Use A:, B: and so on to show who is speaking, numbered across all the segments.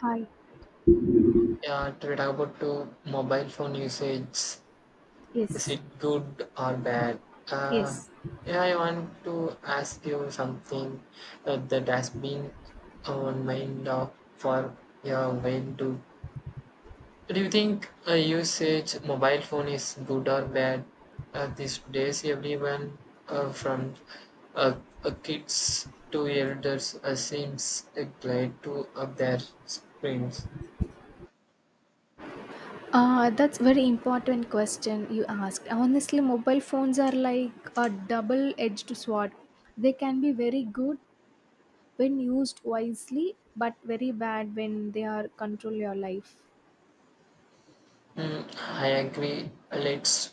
A: Hi.
B: Yeah, to talk about to mobile phone usage, is
A: Yes.
B: it good or bad? Uh,
A: Yes.
B: yeah, I want to ask you something that has been on mind of for your mind too. Do you think usage mobile phone is good or bad? These days, everyone from uh, kids to elders seems glad to of their screens.
A: That's very important question you asked. Honestly, mobile phones are like a double-edged sword. They can be very good when used wisely, but very bad when they are control your life.
B: Mm, I agree. Let's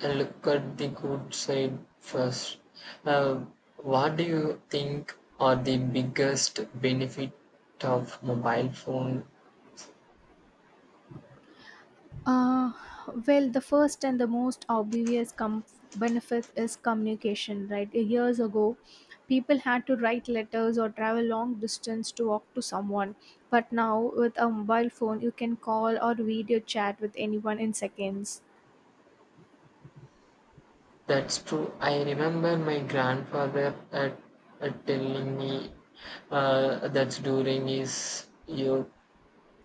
B: Look at the good side first. Uh, what do you think are the biggest benefit of mobile phone?
A: Uh, the first and the most obvious benefit is communication, right? Years ago, people had to write letters or travel long distance to talk to someone. But now, with a mobile phone, you can call or video chat with anyone in seconds.
B: That's true. I remember my grandfather at telling me that during his youth,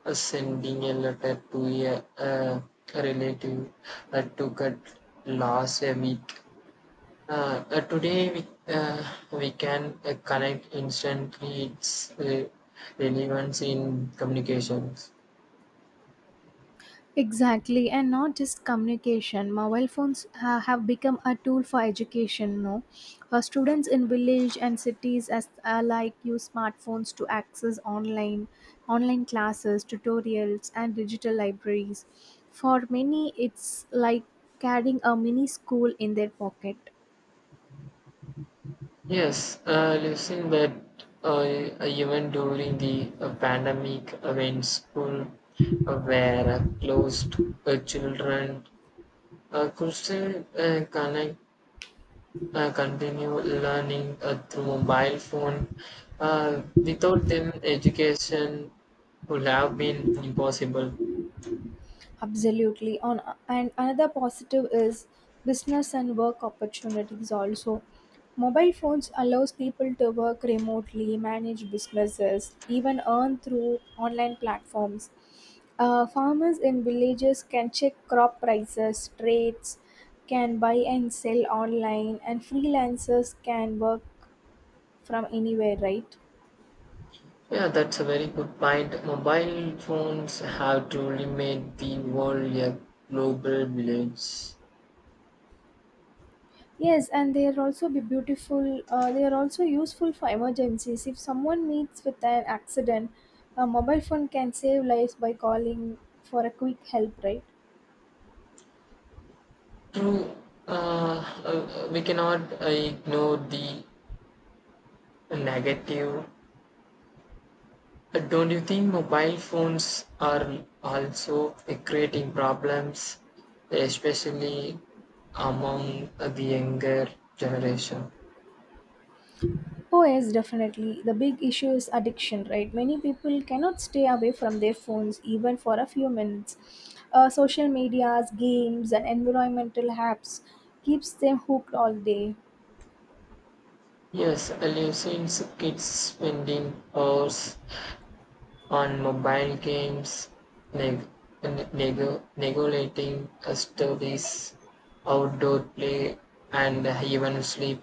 B: sending a letter to a relative that took at last a week. Today uh, we can connect instantly its relevance in communications.
A: Exactly, and not just communication. Mobile phones have become a tool for education. No, students in village and cities as alike use smartphones to access online classes, tutorials, and digital libraries. For many, it's like carrying a mini school in their pocket.
B: Yes, listen that even during the pandemic when school were closed, children could still connect, continue learning through mobile phone. Without them, education would have been impossible.
A: Absolutely. On and another positive is business and work opportunities also. Mobile phones allows people to work remotely, manage businesses, even earn through online platforms. Farmers in villages can check crop prices, trades, can buy and sell online, and freelancers can work from anywhere, right?
B: Yeah, that's a very good point. Mobile phones have truly made the world a global village.
A: Yes, and they are also be beautiful. They are also useful for emergencies. If someone meets with an accident, a mobile phone can save lives by calling for a quick help, right?
B: True, uh, we cannot ignore the negative. Don't you think mobile phones are also creating problems, especially among the younger generation?
A: Oh, yes, definitely. The big issue is addiction, right? Many people cannot stay away from their phones even for a few minutes. Social medias, games, and environmental apps keeps them hooked all day.
B: Yes, I've seen kids spending hours on mobile games, neg- neglecting studies, outdoor play, and even sleep.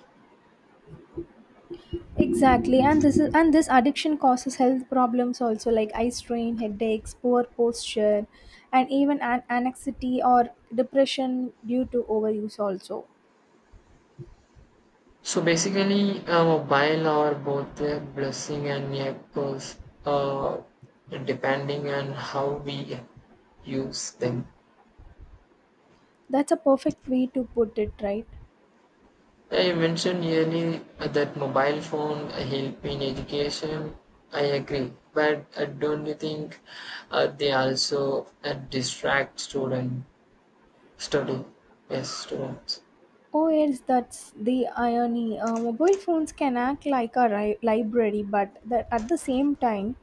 A: Exactly, and this addiction causes health problems also like eye strain, headaches, poor posture, and even anxiety or depression due to overuse also.
B: So basically, a mobile are both a blessing and a curse, uh, depending on how we use them.
A: That's a perfect way to put it, right?
B: I mentioned earlier that mobile phone help in education. I agree, but don't you think they also distract students? Study. Yes, students.
A: Oh yes, that's the irony. Mobile phones can act like a library, but that at the same time,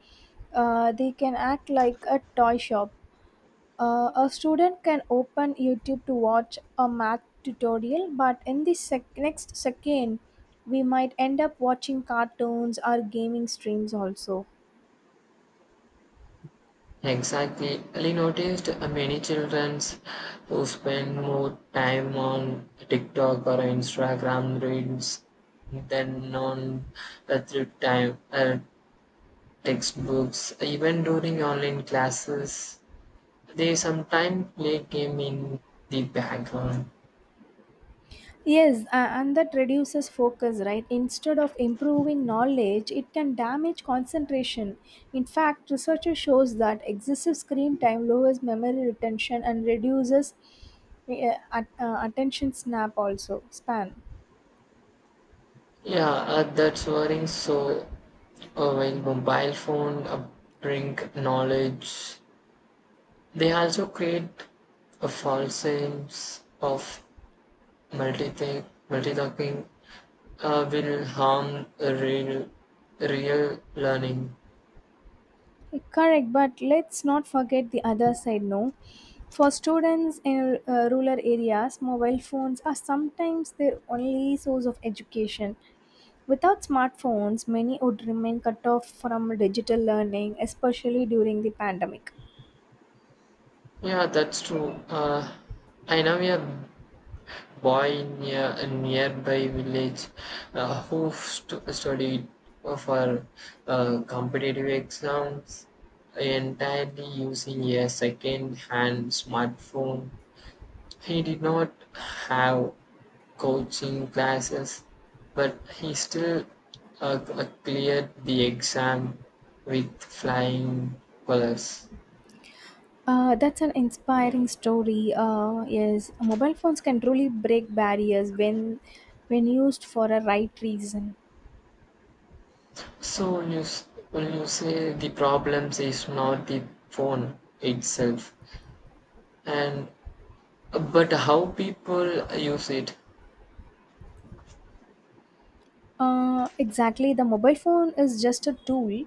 A: they can act like a toy shop. A student can open YouTube to watch a math tutorial, but in the next second, we might end up watching cartoons or gaming streams also.
B: Exactly. I noticed many children who spend more time on TikTok or Instagram reels than on the through time textbooks. Even during online classes, they sometimes play game in the background.
A: Yes, and that reduces focus, right? Instead of improving knowledge, it can damage concentration. In fact, research shows that excessive screen time lowers memory retention and reduces attention snap also span.
B: Yeah, that's worrying. So, uh, while mobile phone bring knowledge, they also create a false sense of multi multitasking will harm real learning.
A: Correct, but let's not forget the other side. No, for students in rural areas, mobile phones are sometimes their only source of education. Without smartphones, many would remain cut off from digital learning, especially during the pandemic.
B: Yeah, that's true. I know a boy near a nearby village who studied for competitive exams entirely using a second-hand smartphone. He did not have coaching classes, but he still cleared the exam with flying colors.
A: That's an inspiring story. Yes, mobile phones can truly break barriers when used for a right reason.
B: When you say the problems is not the phone itself, and but how people use it
A: Exactly. The mobile phone is just a tool.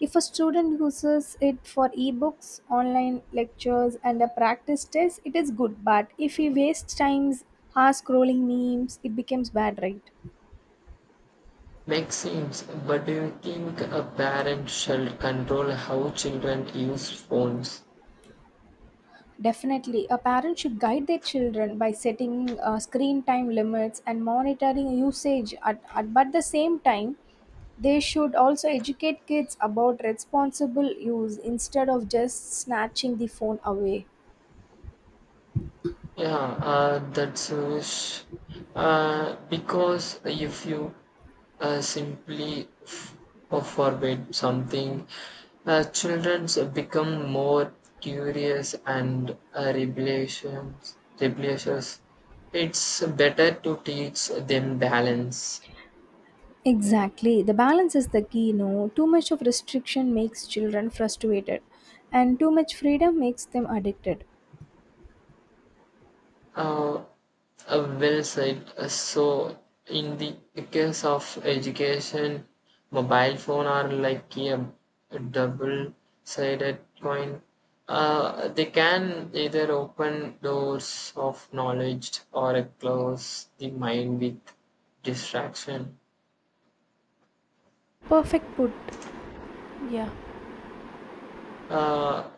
A: If a student uses it for ebooks, online lectures, and a practice test, it is good. But if he wastes times hours scrolling memes, it becomes bad, right?
B: makes sense. But do you think a parent should control how children use phones?
A: Definitely. A parent should guide their children by setting screen time limits and monitoring usage. But the same time, they should also educate kids about responsible use instead of just snatching the phone away.
B: Yeah, that's wish. Because if you simply forbid something, children become more curious and rebellious. Rebellious. It's better to teach them balance.
A: Exactly. The balance is the key, no? Too much of restriction makes children frustrated, and too much freedom makes them addicted.
B: Uh, well said. So, in the case of education, mobile phone are like a double-sided coin. They can either open doors of knowledge or close the mind with distraction.
A: Perfect put. Yeah.
B: Uh,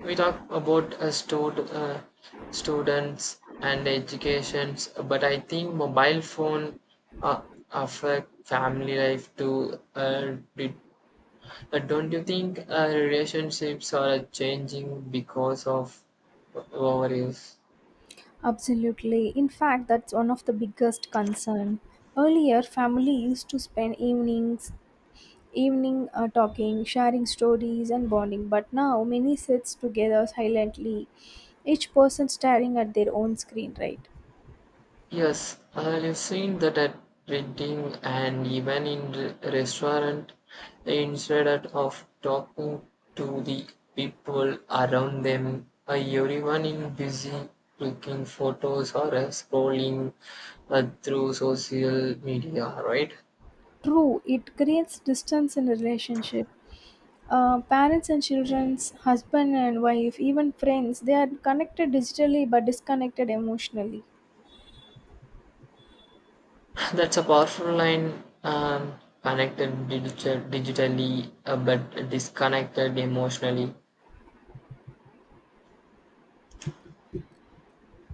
B: We talk about students and educations, but I think mobile phone uh, affect family life too. Don't you think relationships are changing because of overuse?
A: Absolutely. In fact, that's one of the biggest concern. Earlier, family used to spend evening talking, sharing stories and bonding, but now many sits together silently, each person staring at their own screen, right?
B: Yes, I've seen that at reading and even in restaurant. Instead of talking to the people around them, everyone in busy clicking photos or scrolling through social media, right?
A: True, it creates distance in relationship. Parents and children's, husband and wife, even friends, they are connected digitally but disconnected emotionally.
B: That's a powerful line. Connected digitally, but disconnected emotionally.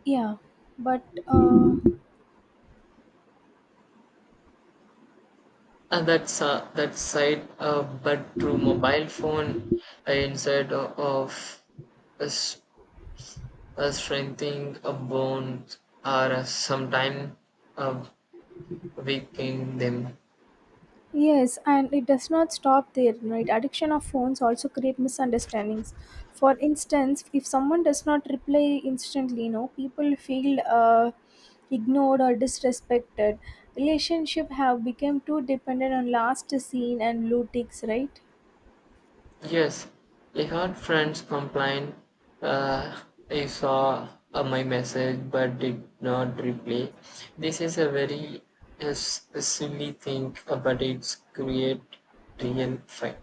A: Yeah, but
B: That's that side, but through mobile phone inside of us, us strengthening a bond, or sometime uh, weakening them.
A: yes, and it does not stop there, right? Addiction of phones also create misunderstandings. For instance, if someone does not reply instantly, people feel ignored or disrespected. Relationship have become too dependent on last seen and blue ticks, right?
B: Yes, I heard friends complain. Uh, I saw my message but did not reply. This is a very silly thing, but it's create real fight.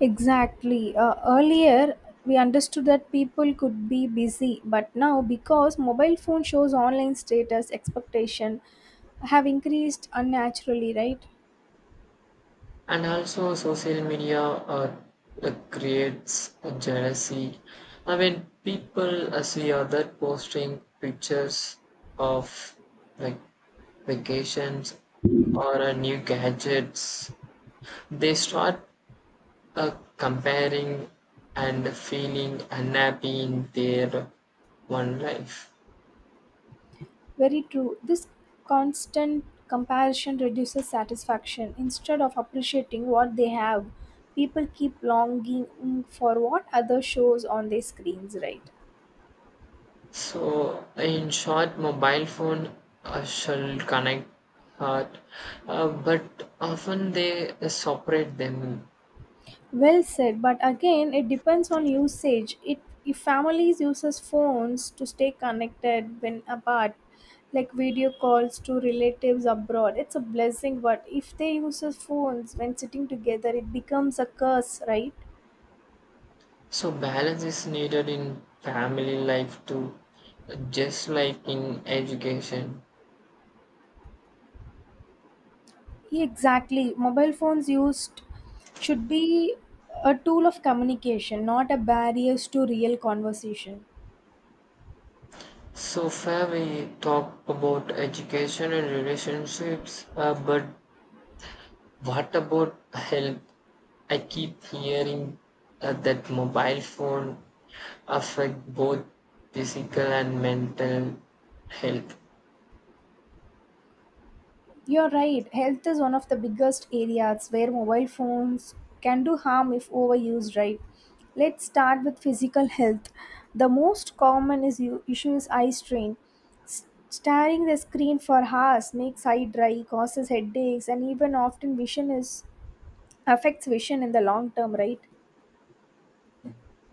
A: Exactly. Earlier, we understood that people could be busy, but now, because mobile phone shows online status, expectation have increased unnaturally, right?
B: And also social media creates a jealousy. I mean, people see other posting pictures of like vacations or new gadgets. They start uh, comparing and feeling unhappy in their one life.
A: Very true. This constant comparison reduces satisfaction. Instead of appreciating what they have, people keep longing for what other shows on their screens, right?
B: So, in short, mobile phone shall connect heart, but often they separate them.
A: Well said, but again, it depends on usage. It if families uses phones to stay connected when apart, like video calls to relatives abroad, it's a blessing. But if they uses phones when sitting together, it becomes a curse, right?
B: So, balance is needed in family life too, just like in education.
A: Exactly. Mobile phones used should be a tool of communication, not a barriers to real conversation.
B: So, far we talk about education and relationships, but what about health? I keep hearing that mobile phone affect both physical and mental health.
A: You're right, health is one of the biggest areas where mobile phones can do harm if overused, right? Let's start with physical health. The most common issue is eye strain. Staring the screen for hours makes eye dry, causes headaches, and even often vision is affects vision in the long term, right?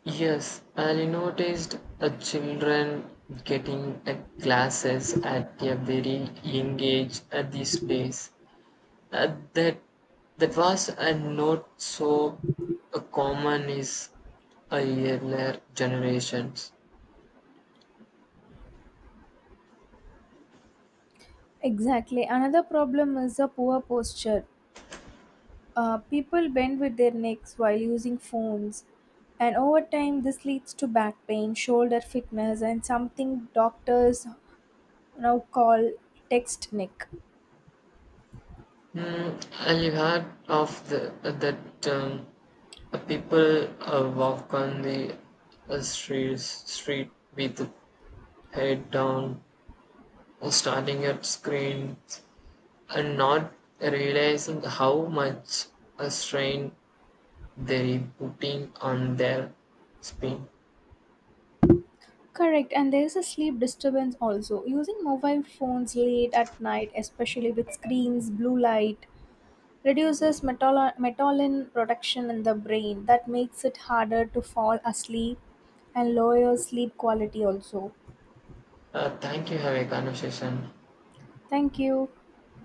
B: Yes, I noticed children getting glasses at a very young age at these days. Uh, that that was not so common is earlier generations.
A: Exactly. Another problem is a poor posture. People bend with their necks while using phones, and over time, this leads to back pain, shoulder fitness, and something doctors now call text neck.
B: Mm, I've heard of that people walk on the street with head down, starting at screens, and not realizing how much a strain they're putting on their spine.
A: Correct, and there is a sleep disturbance also. Using mobile phones late at night, especially with screens, blue light, reduces melatonin production in the brain. That makes it harder to fall asleep and lowers sleep quality also.
B: Thank you. Have a conversation.
A: Thank you.